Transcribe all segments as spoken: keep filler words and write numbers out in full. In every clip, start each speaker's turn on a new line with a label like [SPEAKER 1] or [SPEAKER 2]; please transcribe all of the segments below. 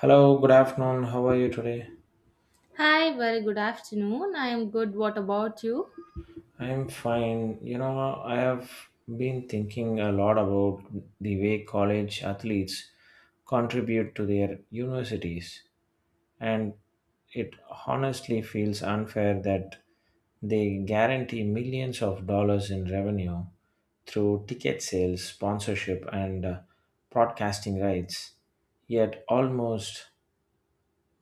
[SPEAKER 1] Hello, good afternoon. How are you today?
[SPEAKER 2] Hi, very good afternoon. I am good. What about you?
[SPEAKER 1] I'm fine. You know, I have been thinking a lot about the way college athletes contribute to their universities, and it honestly feels unfair that they guarantee millions of dollars in revenue through ticket sales, sponsorship, and uh, broadcasting rights. Yet, almost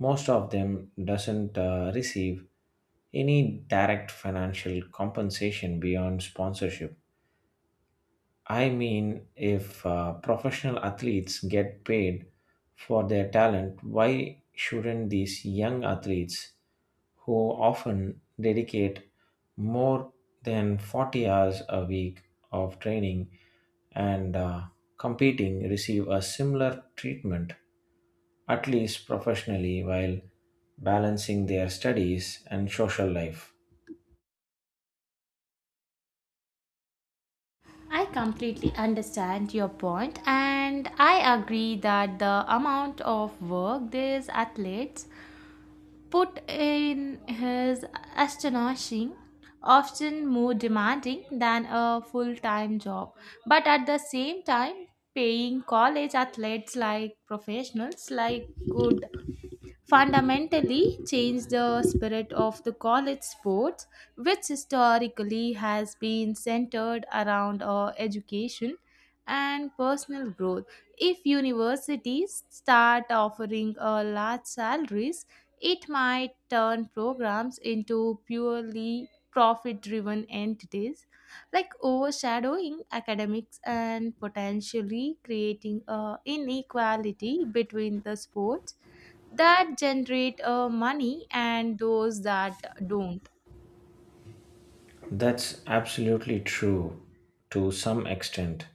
[SPEAKER 1] most of them doesn't uh, receive any direct financial compensation beyond sponsorship. I mean, if uh, professional athletes get paid for their talent, why shouldn't these young athletes, who often dedicate more than forty hours a week of training and uh, competing, receive a similar treatment, at least professionally, while balancing their studies and social life?
[SPEAKER 2] I completely understand your point, and I agree that the amount of work these athletes put in is astonishing, often more demanding than a full time job. But at the same time, paying college athletes like professionals like good fundamentally changed the spirit of the college sports, which historically has been centered around uh, education and personal growth. If universities start offering uh, large salaries, it might turn programs into purely profit driven entities, like overshadowing academics and potentially creating uh, inequality between the sports that generate uh, money and those that don't.
[SPEAKER 1] That's absolutely true to some extent.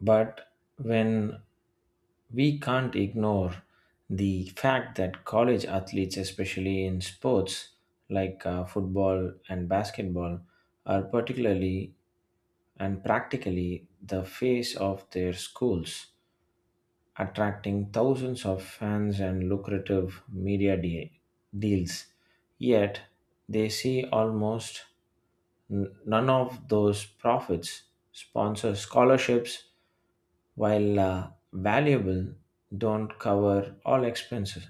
[SPEAKER 1] But when we can't ignore the fact that college athletes, especially in sports like uh, football and basketball, are particularly and practically the face of their schools attracting thousands of fans and lucrative media de- deals. Yet, they see almost n- none of those profits sponsor scholarships, while uh, valuable, don't cover all expenses.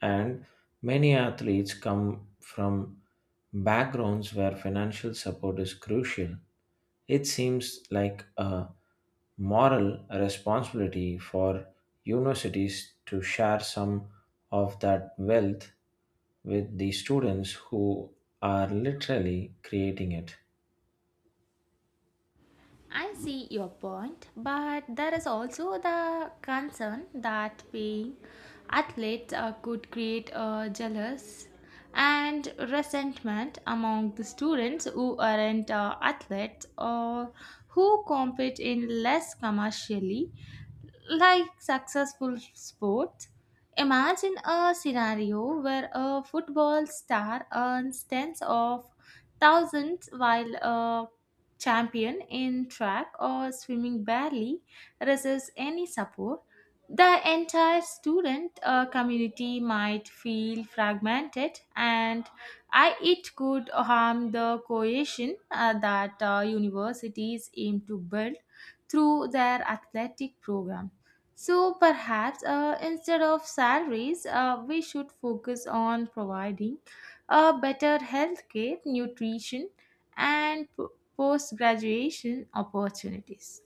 [SPEAKER 1] And many athletes come from backgrounds where financial support is crucial it seems like a moral responsibility for universities to share some of that wealth with the students who are literally creating it.
[SPEAKER 2] I see your point, but there is also the concern that paying athletes uh, could create uh, jealous and resentment among the students who aren't uh, athletes or who compete in less commercially like successful sports. Imagine a scenario where a football star earns tens of thousands while a champion in track or swimming barely receives any support. The entire student uh, community might feel fragmented, and I, it could harm the cohesion uh, that uh, universities aim to build through their athletic program. So perhaps uh, instead of salaries, uh, we should focus on providing a better healthcare, nutrition, and post graduation opportunities.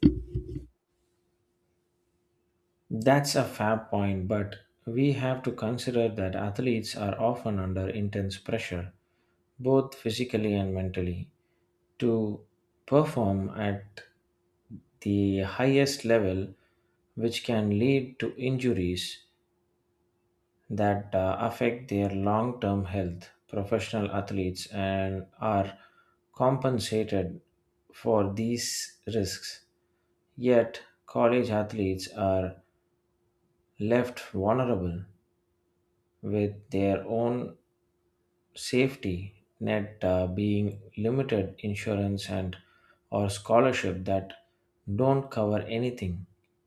[SPEAKER 1] That's a fair point, but we have to consider that athletes are often under intense pressure, both physically and mentally, to perform at the highest level, which can lead to injuries that uh, affect their long term health. Professional athletes and are compensated for these risks. Yet, college athletes are left vulnerable with their own safety net uh, being limited insurance and or scholarship that don't cover anything.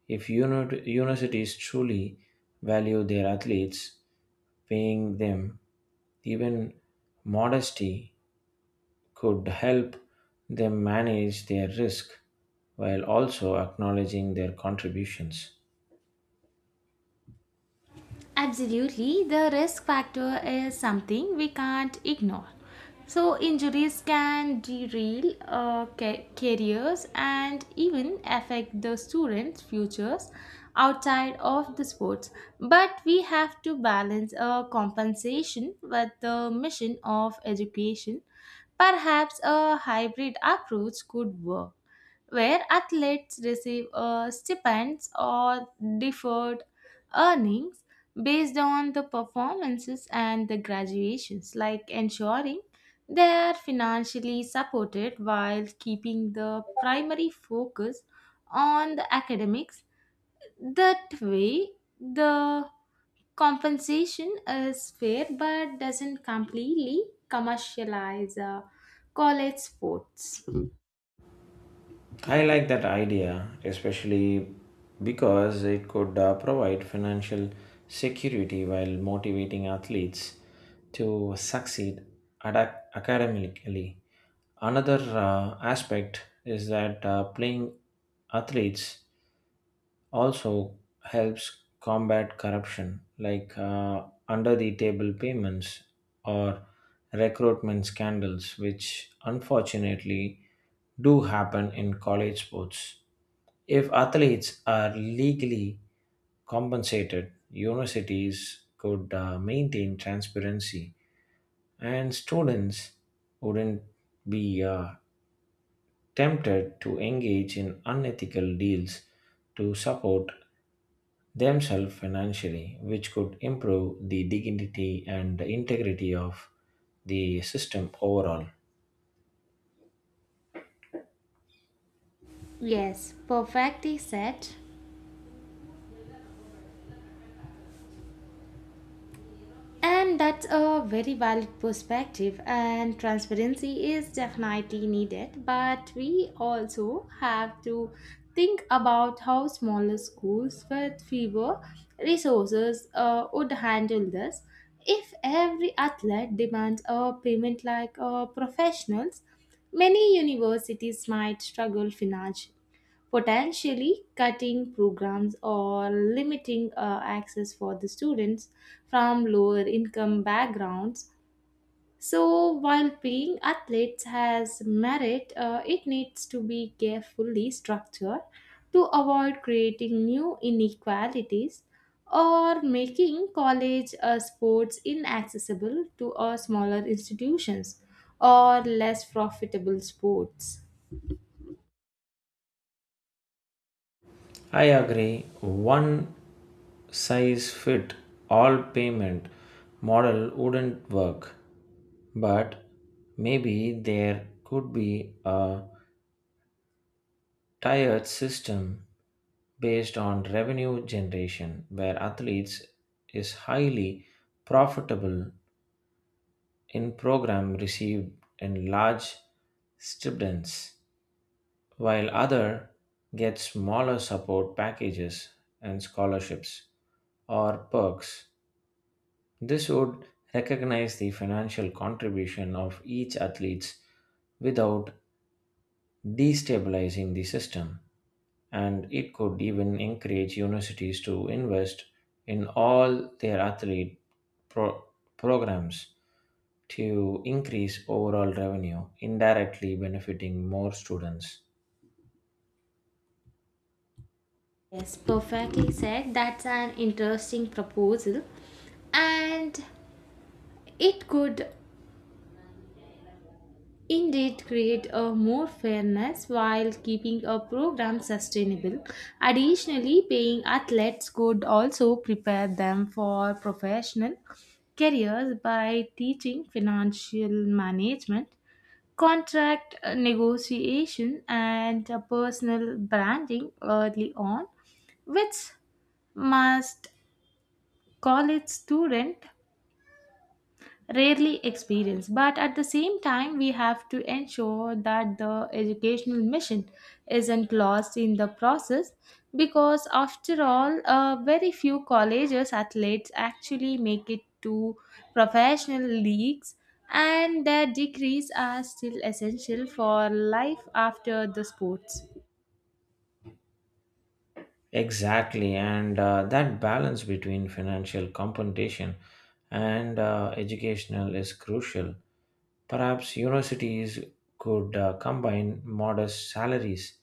[SPEAKER 1] If uni- universities truly value their athletes, paying them even modesty could help them manage their risk while also acknowledging their contributions.
[SPEAKER 2] Absolutely, the risk factor is something we can't ignore. So, injuries can derail uh, ca- careers and even affect the students' futures outside of the sports. But we have to balance a compensation with the mission of education. Perhaps a hybrid approach could work where athletes receive uh, stipends or deferred earnings based on the performances and the graduations, like ensuring they are financially supported while keeping the primary focus on the academics. That way, the compensation is fair but doesn't completely commercialize uh, college sports.
[SPEAKER 1] I like that idea, especially because it could uh, provide financial security while motivating athletes to succeed ad- academically. Another uh, aspect is that uh, playing athletes also helps combat corruption like uh, under the table payments or recruitment scandals which unfortunately do happen in college sports if athletes are legally compensated universities could uh, maintain transparency and students wouldn't be uh, tempted to engage in unethical deals to support themselves financially, which could improve the dignity and integrity of the system overall.
[SPEAKER 2] Yes, perfectly said. And that's a very valid perspective, and transparency is definitely needed. But we also have to think about how smaller schools with fewer resources uh, would handle this. If every athlete demands a payment like uh, professionals, many universities might struggle financially, potentially cutting programs or limiting uh, access for the students from lower income backgrounds. So, while paying athletes has merit, uh, it needs to be carefully structured to avoid creating new inequalities or making college uh, sports inaccessible to uh, smaller institutions or less profitable sports.
[SPEAKER 1] I agree, one size fit all payment model wouldn't work, but maybe there could be a tiered system based on revenue generation where athletes is highly profitable in program received in large stipends while other get smaller support packages and scholarships or perks this would recognize the financial contribution of each athlete without destabilizing the system and it could even encourage universities to invest in all their athlete pro- programs to increase overall revenue, indirectly benefiting more students.
[SPEAKER 2] Yes, perfectly said. That's an interesting proposal, and it could indeed create a more fairness while keeping a program sustainable. Additionally, paying athletes could also prepare them for professional careers by teaching financial management, contract uh, negotiation, and uh, personal branding early on, which must college student rarely experience. But at the same time we have to ensure that the educational mission isn't lost in the process, because after all uh, very few colleges athletes actually make it to professional leagues, and their degrees are still essential for life after the sports.
[SPEAKER 1] Exactly, and uh, that balance between financial compensation and uh, educational is crucial. Perhaps universities could uh, combine modest salaries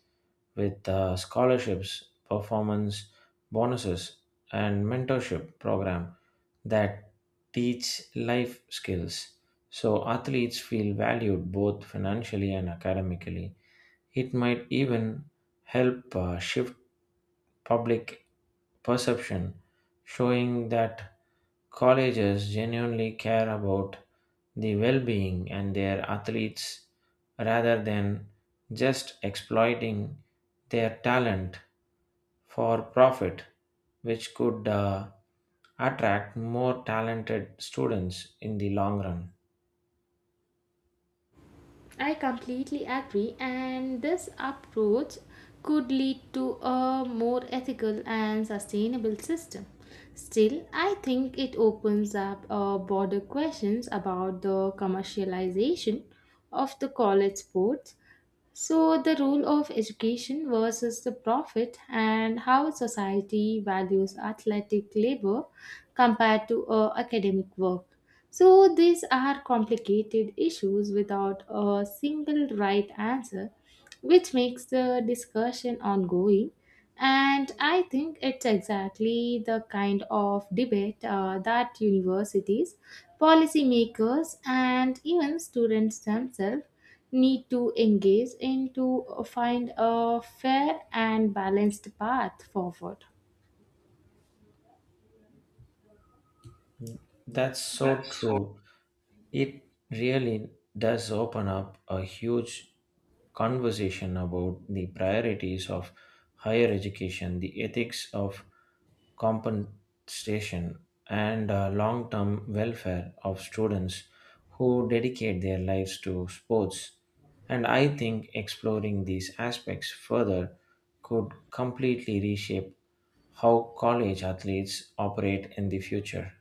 [SPEAKER 1] with uh, scholarships, performance bonuses, and mentorship program that teach life skills. So athletes feel valued both financially and academically. It might even help uh, shift public perception, showing that colleges genuinely care about the well being and their athletes rather than just exploiting their talent for profit, which could uh, attract more talented students in the long run.
[SPEAKER 2] I completely agree, and this approach could lead to a more ethical and sustainable system. Still, I think it opens up uh, broader questions about the commercialization of the college sports, so the role of education versus the profit and how society values athletic labor compared to uh, academic work. So, these are complicated issues without a single right answer, which makes the discussion ongoing. And I think it's exactly the kind of debate uh, that universities, policymakers, and even students themselves need to engage in to find a fair and balanced path forward.
[SPEAKER 1] That's so true. It really does open up a huge conversation about the priorities of higher education, the ethics of compensation, and uh, long term welfare of students who dedicate their lives to sports. And I think exploring these aspects further could completely reshape how college athletes operate in the future.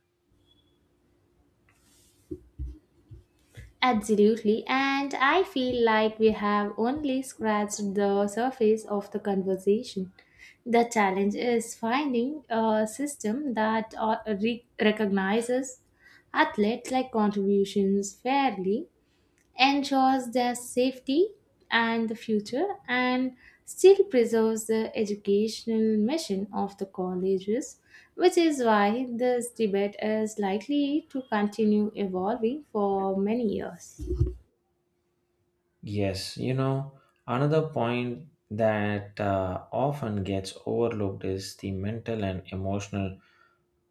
[SPEAKER 2] Absolutely, and I feel like we have only scratched the surface of the conversation. The challenge is finding a system that uh, re- recognizes athletes like contributions fairly, ensures their safety and the future, and still preserves the educational mission of the colleges, which is why this debate is likely to continue evolving for many years.
[SPEAKER 1] Yes, you know, another point that uh, often gets overlooked is the mental and emotional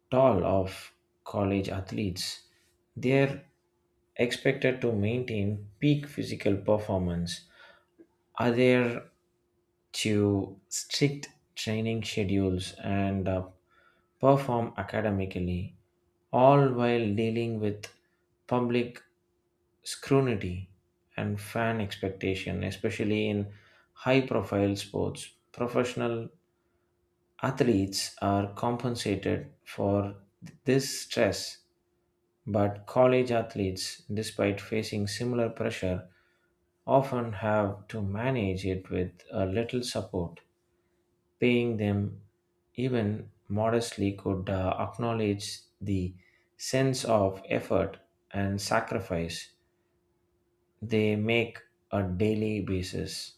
[SPEAKER 1] toll of college athletes. They're expected to maintain peak physical performance are there to strict training schedules and uh, perform academically, all while dealing with public scrutiny and fan expectation, especially in high profile sports. Professional athletes are compensated for th- this stress but college athletes, despite facing similar pressure, often have to manage it with a little support. Paying them even modestly could uh, acknowledge the sense of effort and sacrifice they make a daily basis.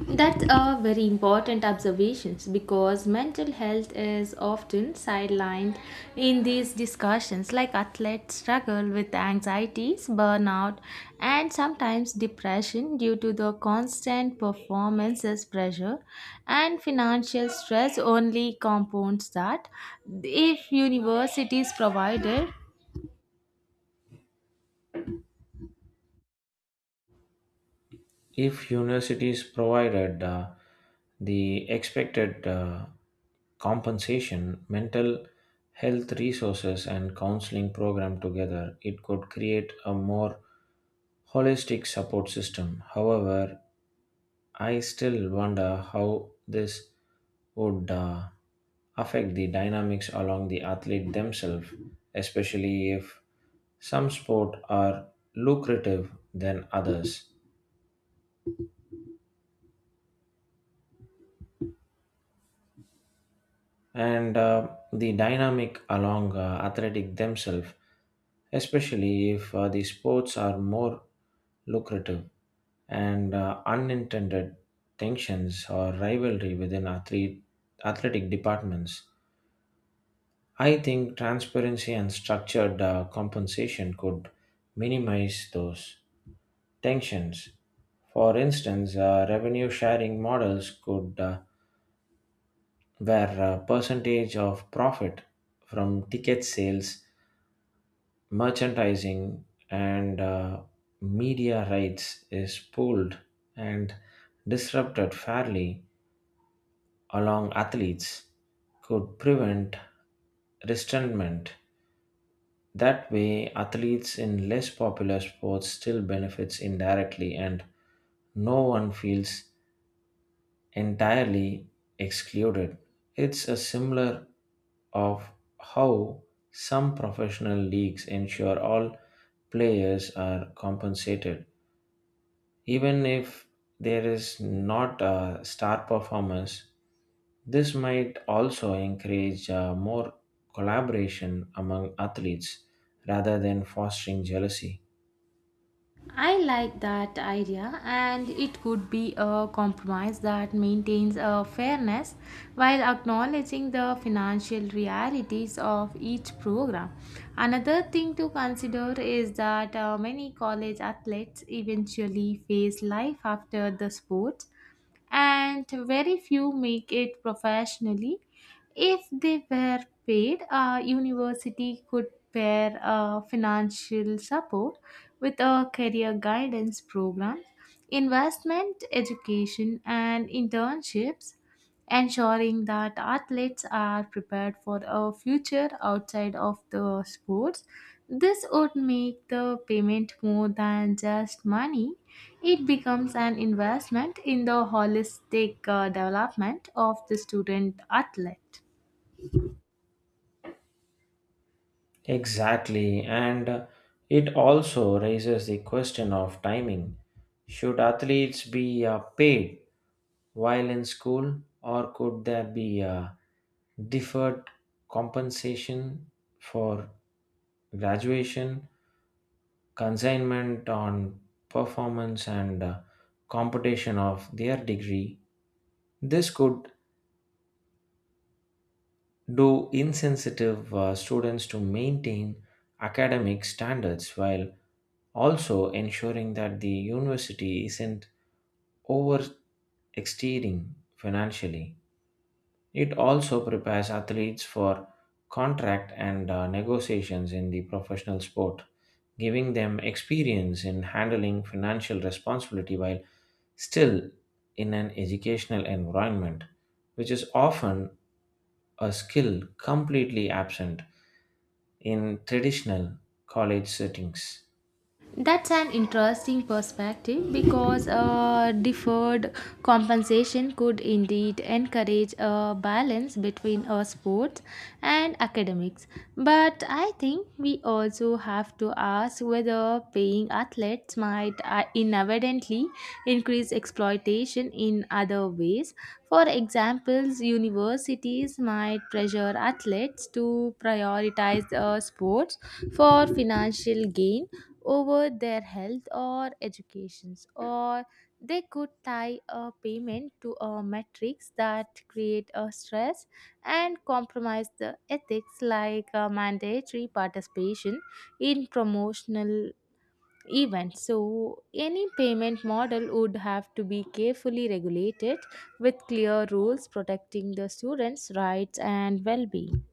[SPEAKER 2] That's a very important observations, because mental health is often sidelined in these discussions, like athletes struggle with anxieties, burnout, and sometimes depression due to the constant performances pressure, and financial stress only compounds that if universities provided.
[SPEAKER 1] If universities provided uh, the expected uh, compensation, mental health resources, and counseling program together, it could create a more holistic support system. However, I still wonder how this would uh, affect the dynamics along the athlete themselves, especially if some sport are lucrative than others and uh, the dynamic along uh, athletic themselves, especially if uh, the sports are more lucrative and uh, unintended tensions or rivalry within athlete, athletic departments. I think transparency and structured uh, compensation could minimize those tensions. For instance, uh, revenue sharing models could, uh, where a percentage of profit from ticket sales merchandising and uh, media rights is pulled and disrupted fairly along athletes could prevent resentment. That way athletes in less popular sports still benefits indirectly and no one feels entirely excluded. It's a similar of how some professional leagues ensure all players are compensated, even if there is not a star performance. This might also encourage uh, more collaboration among athletes rather than fostering jealousy.
[SPEAKER 2] I like that idea, and it could be a compromise that maintains a fairness while acknowledging the financial realities of each program. Another thing to consider is that uh, many college athletes eventually face life after the sport, and very few make it professionally. If they were paid, a university could pair uh, financial support with a career guidance program, investment, education, and internships, ensuring that athletes are prepared for a future outside of the sports. This would make the payment more than just money. It becomes an investment in the holistic uh, development of the student athlete.
[SPEAKER 1] Exactly, and it also raises the question of timing. Should athletes be uh, paid while in school, or could there be a deferred compensation for graduation, consignment on performance, and uh, competition of their degree? This could do insensitive uh, students to maintain academic standards while also, ensuring that the university isn't overextending financially. It also prepares athletes for contract and uh, negotiations in the professional sport, giving them experience in handling financial responsibility while still in an educational environment, which is often a skill completely absent in traditional college settings.
[SPEAKER 2] That's an interesting perspective, because uh, deferred compensation could indeed encourage a balance between uh, sports and academics. But I think we also have to ask whether paying athletes might uh, inadvertently increase exploitation in other ways. For examples, universities might pressure athletes to prioritize uh, sports for financial gain over their health or educations, or they could tie a payment to a metrics that create a stress and compromise the ethics, like uh, mandatory participation in promotional events. So any payment model would have to be carefully regulated with clear rules protecting the students rights and well-being.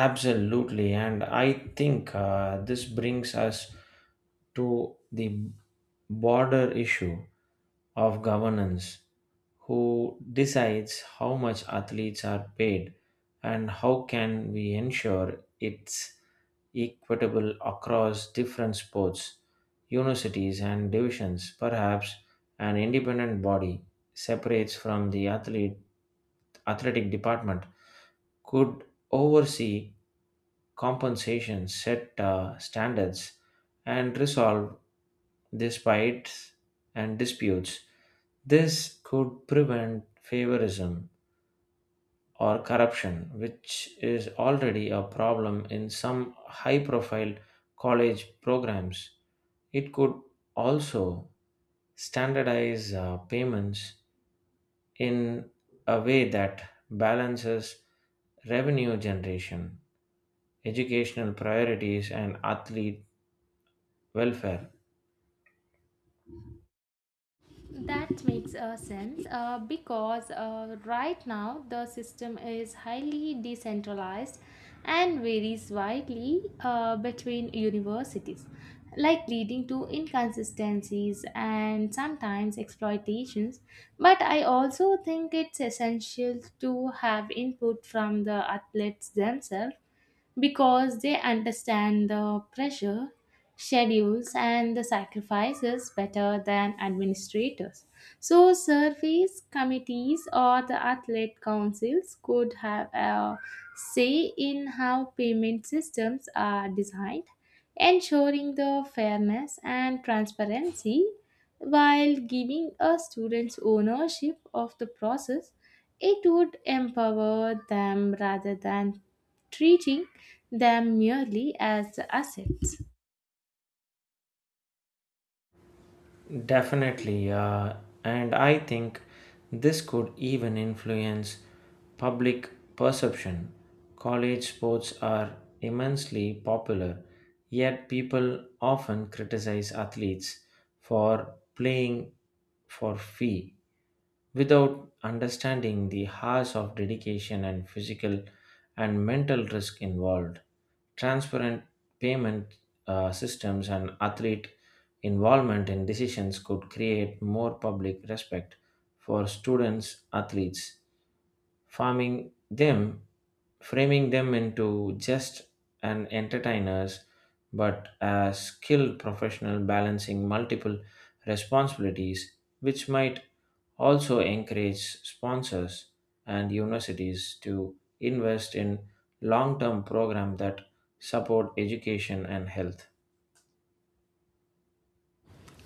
[SPEAKER 1] Absolutely, and I think uh, this brings us to the border issue of governance who decides how much athletes are paid and how can we ensure it's equitable across different sports universities and divisions perhaps an independent body separates from the athlete athletic department could oversee compensation, set uh, standards, and resolve disputes and disputes. This could prevent favorism or corruption, which is already a problem in some high profile college programs. It could also standardize uh, payments in a way that balances revenue generation, educational priorities, and athlete welfare.
[SPEAKER 2] That makes uh, sense uh, because uh, right now the system is highly decentralized and varies widely uh, between universities, like leading to inconsistencies and sometimes exploitations. But I also think it's essential to have input from the athletes themselves, because they understand the pressure, schedules, and the sacrifices better than administrators. So, surveys, committees, or the athlete councils could have a say in how payment systems are designed, ensuring the fairness and transparency while giving a student's ownership of the process. It would empower them rather than treating them merely as assets.
[SPEAKER 1] Definitely, uh, and I think this could even influence public perception. College sports are immensely popular, yet people often criticize athletes for playing for fee without understanding the hours of dedication and physical and mental risk involved. Transparent payment uh, systems and athlete involvement in decisions could create more public respect for students, athletes, farming them framing them into just an entertainers but a skilled professional balancing multiple responsibilities which might also encourage sponsors and universities to invest in long-term programs that support education and health.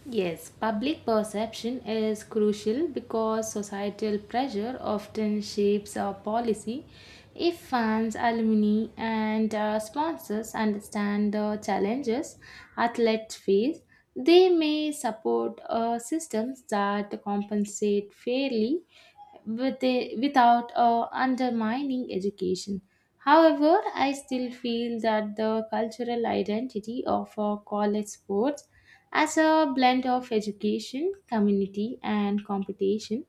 [SPEAKER 2] Yes, public perception is crucial because societal pressure often shapes our policy. If fans, alumni, and uh, sponsors understand the challenges athletes face, they may support uh, systems that compensate fairly with a- without uh, undermining education. However, I still feel that the cultural identity of uh, college sports as a blend of education, community, and competition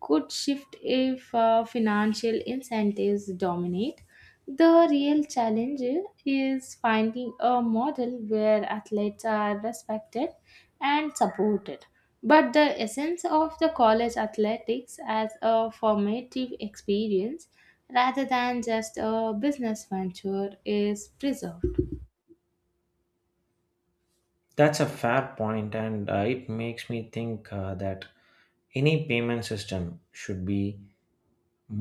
[SPEAKER 2] could shift if uh, financial incentives dominate. The real challenge is finding a model where athletes are respected and supported, but the essence of the college athletics as a formative experience rather than just a business venture is preserved.
[SPEAKER 1] That's a fair point and uh, it makes me think uh, that any payment system should be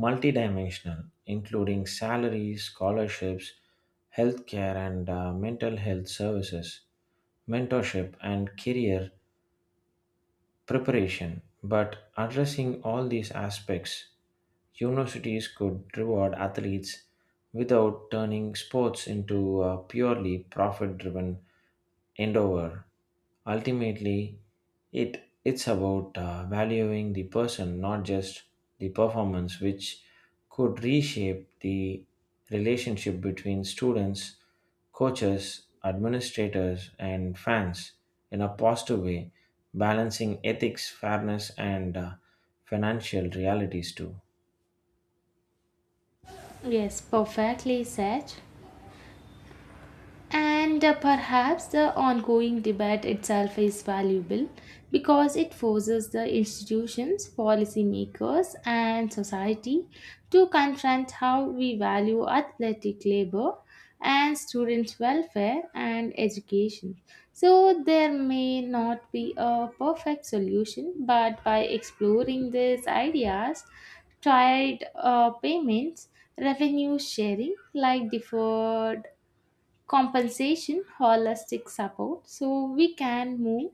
[SPEAKER 1] multidimensional, including salaries, scholarships, healthcare and uh, mental health services, mentorship, and career preparation. But addressing all these aspects, universities could reward athletes without turning sports into a purely profit driven endeavor. Ultimately, it it's about uh, valuing the person, not just the performance, which could reshape the relationship between students, coaches, administrators, and fans in a positive way, balancing ethics, fairness, and uh, financial realities too.
[SPEAKER 2] Yes, perfectly said. And uh, perhaps the ongoing debate itself is valuable because it forces the institutions, policymakers, and society to confront how we value athletic labor and students' welfare and education. So, there may not be a perfect solution, but by exploring these ideas, tried uh, payments, revenue sharing, like deferred compensation, holistic support, so we can move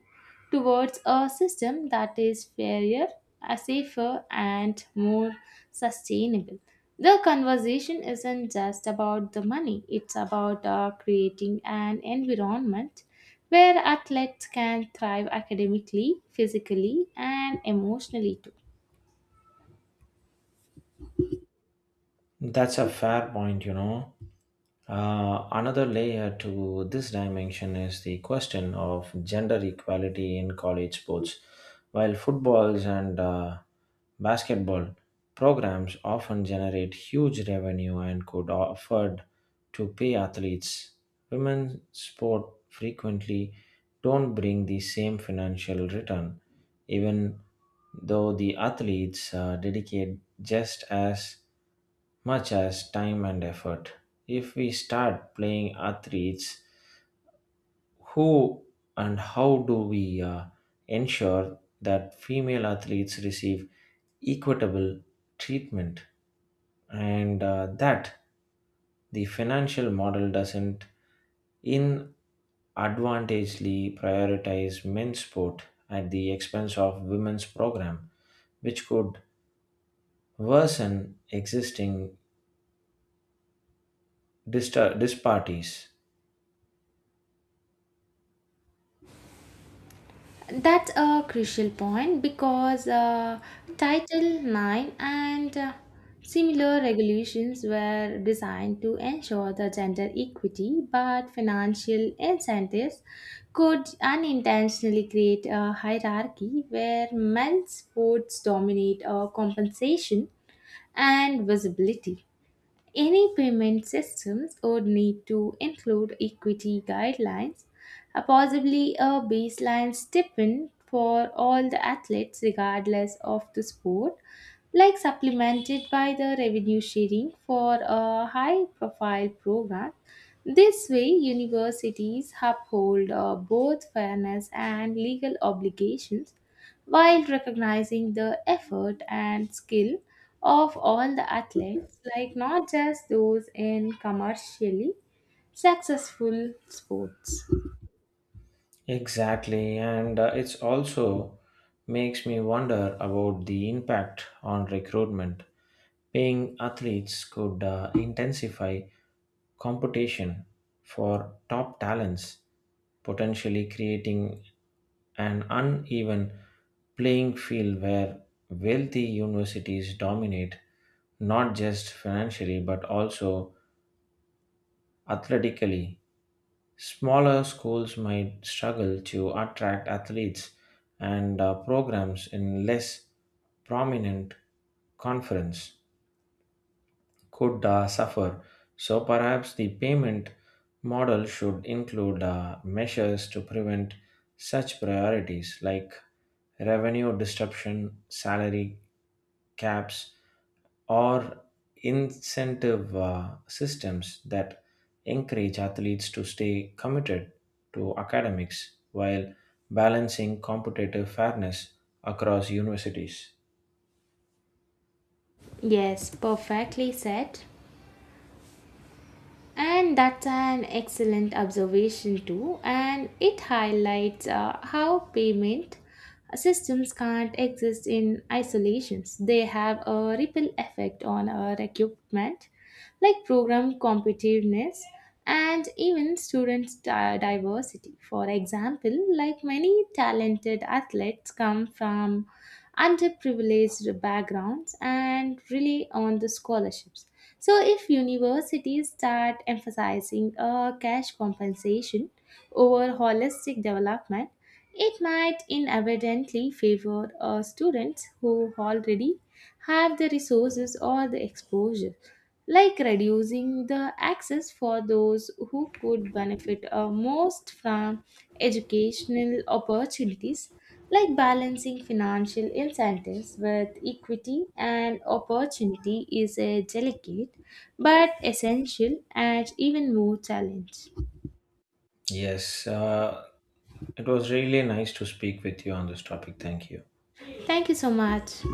[SPEAKER 2] towards a system that is fairer, uh, safer, and more sustainable. The conversation isn't just about the money. It's about uh, creating an environment where athletes can thrive academically, physically, and emotionally too.
[SPEAKER 1] That's a fair point, you know. Uh, another layer to this dimension is the question of gender equality in college sports. While footballs and uh, basketball programs often generate huge revenue and could afford to pay athletes, women's sport frequently don't bring the same financial return, even though the athletes uh, dedicate just as much as time and effort. If we start playing athletes, who and how do we uh, ensure that female athletes receive equitable treatment and uh, that the financial model doesn't inadvantageously prioritize men's sport at the expense of women's program, which could worsen existing distar- disparities?
[SPEAKER 2] That's a crucial point because uh, Title I X and uh, similar regulations were designed to ensure the gender equity, but financial incentives could unintentionally create a hierarchy where men's sports dominate uh, compensation and visibility. Any payment systems would need to include equity guidelines, uh, possibly a baseline stipend for all the athletes, regardless of the sport, like supplemented by the revenue sharing for a high profile program. This way, universities uphold uh, both fairness and legal obligations while recognizing the effort and skill of all the athletes, like not just those in commercially successful sports.
[SPEAKER 1] Exactly, and uh, it's also makes me wonder about the impact on recruitment. Paying athletes could uh, intensify competition for top talents, potentially creating an uneven playing field where wealthy universities dominate not just financially but also athletically. Smaller schools might struggle to attract athletes and uh, programs in less prominent conference could uh, suffer. So perhaps the payment model should include uh, measures to prevent such priorities like revenue disruption, salary caps, or incentive uh, systems that encourage athletes to stay committed to academics while balancing competitive fairness across universities.
[SPEAKER 2] Yes, perfectly said. And that's an excellent observation, too. And it highlights uh, how payment systems can't exist in isolations. They have a ripple effect on our equipment, like program competitiveness and even student di- diversity. For example, like many talented athletes come from underprivileged backgrounds and rely on the scholarships. So, if universities start emphasizing a cash compensation over holistic development, it might inadvertently favor uh, students who already have the resources or the exposure, like reducing the access for those who could benefit uh, most from educational opportunities, like balancing financial incentives with equity and opportunity is a delicate but essential and even more challenge.
[SPEAKER 1] Yes, uh, it was really nice to speak with you on this topic. Thank you.
[SPEAKER 2] Thank you so much.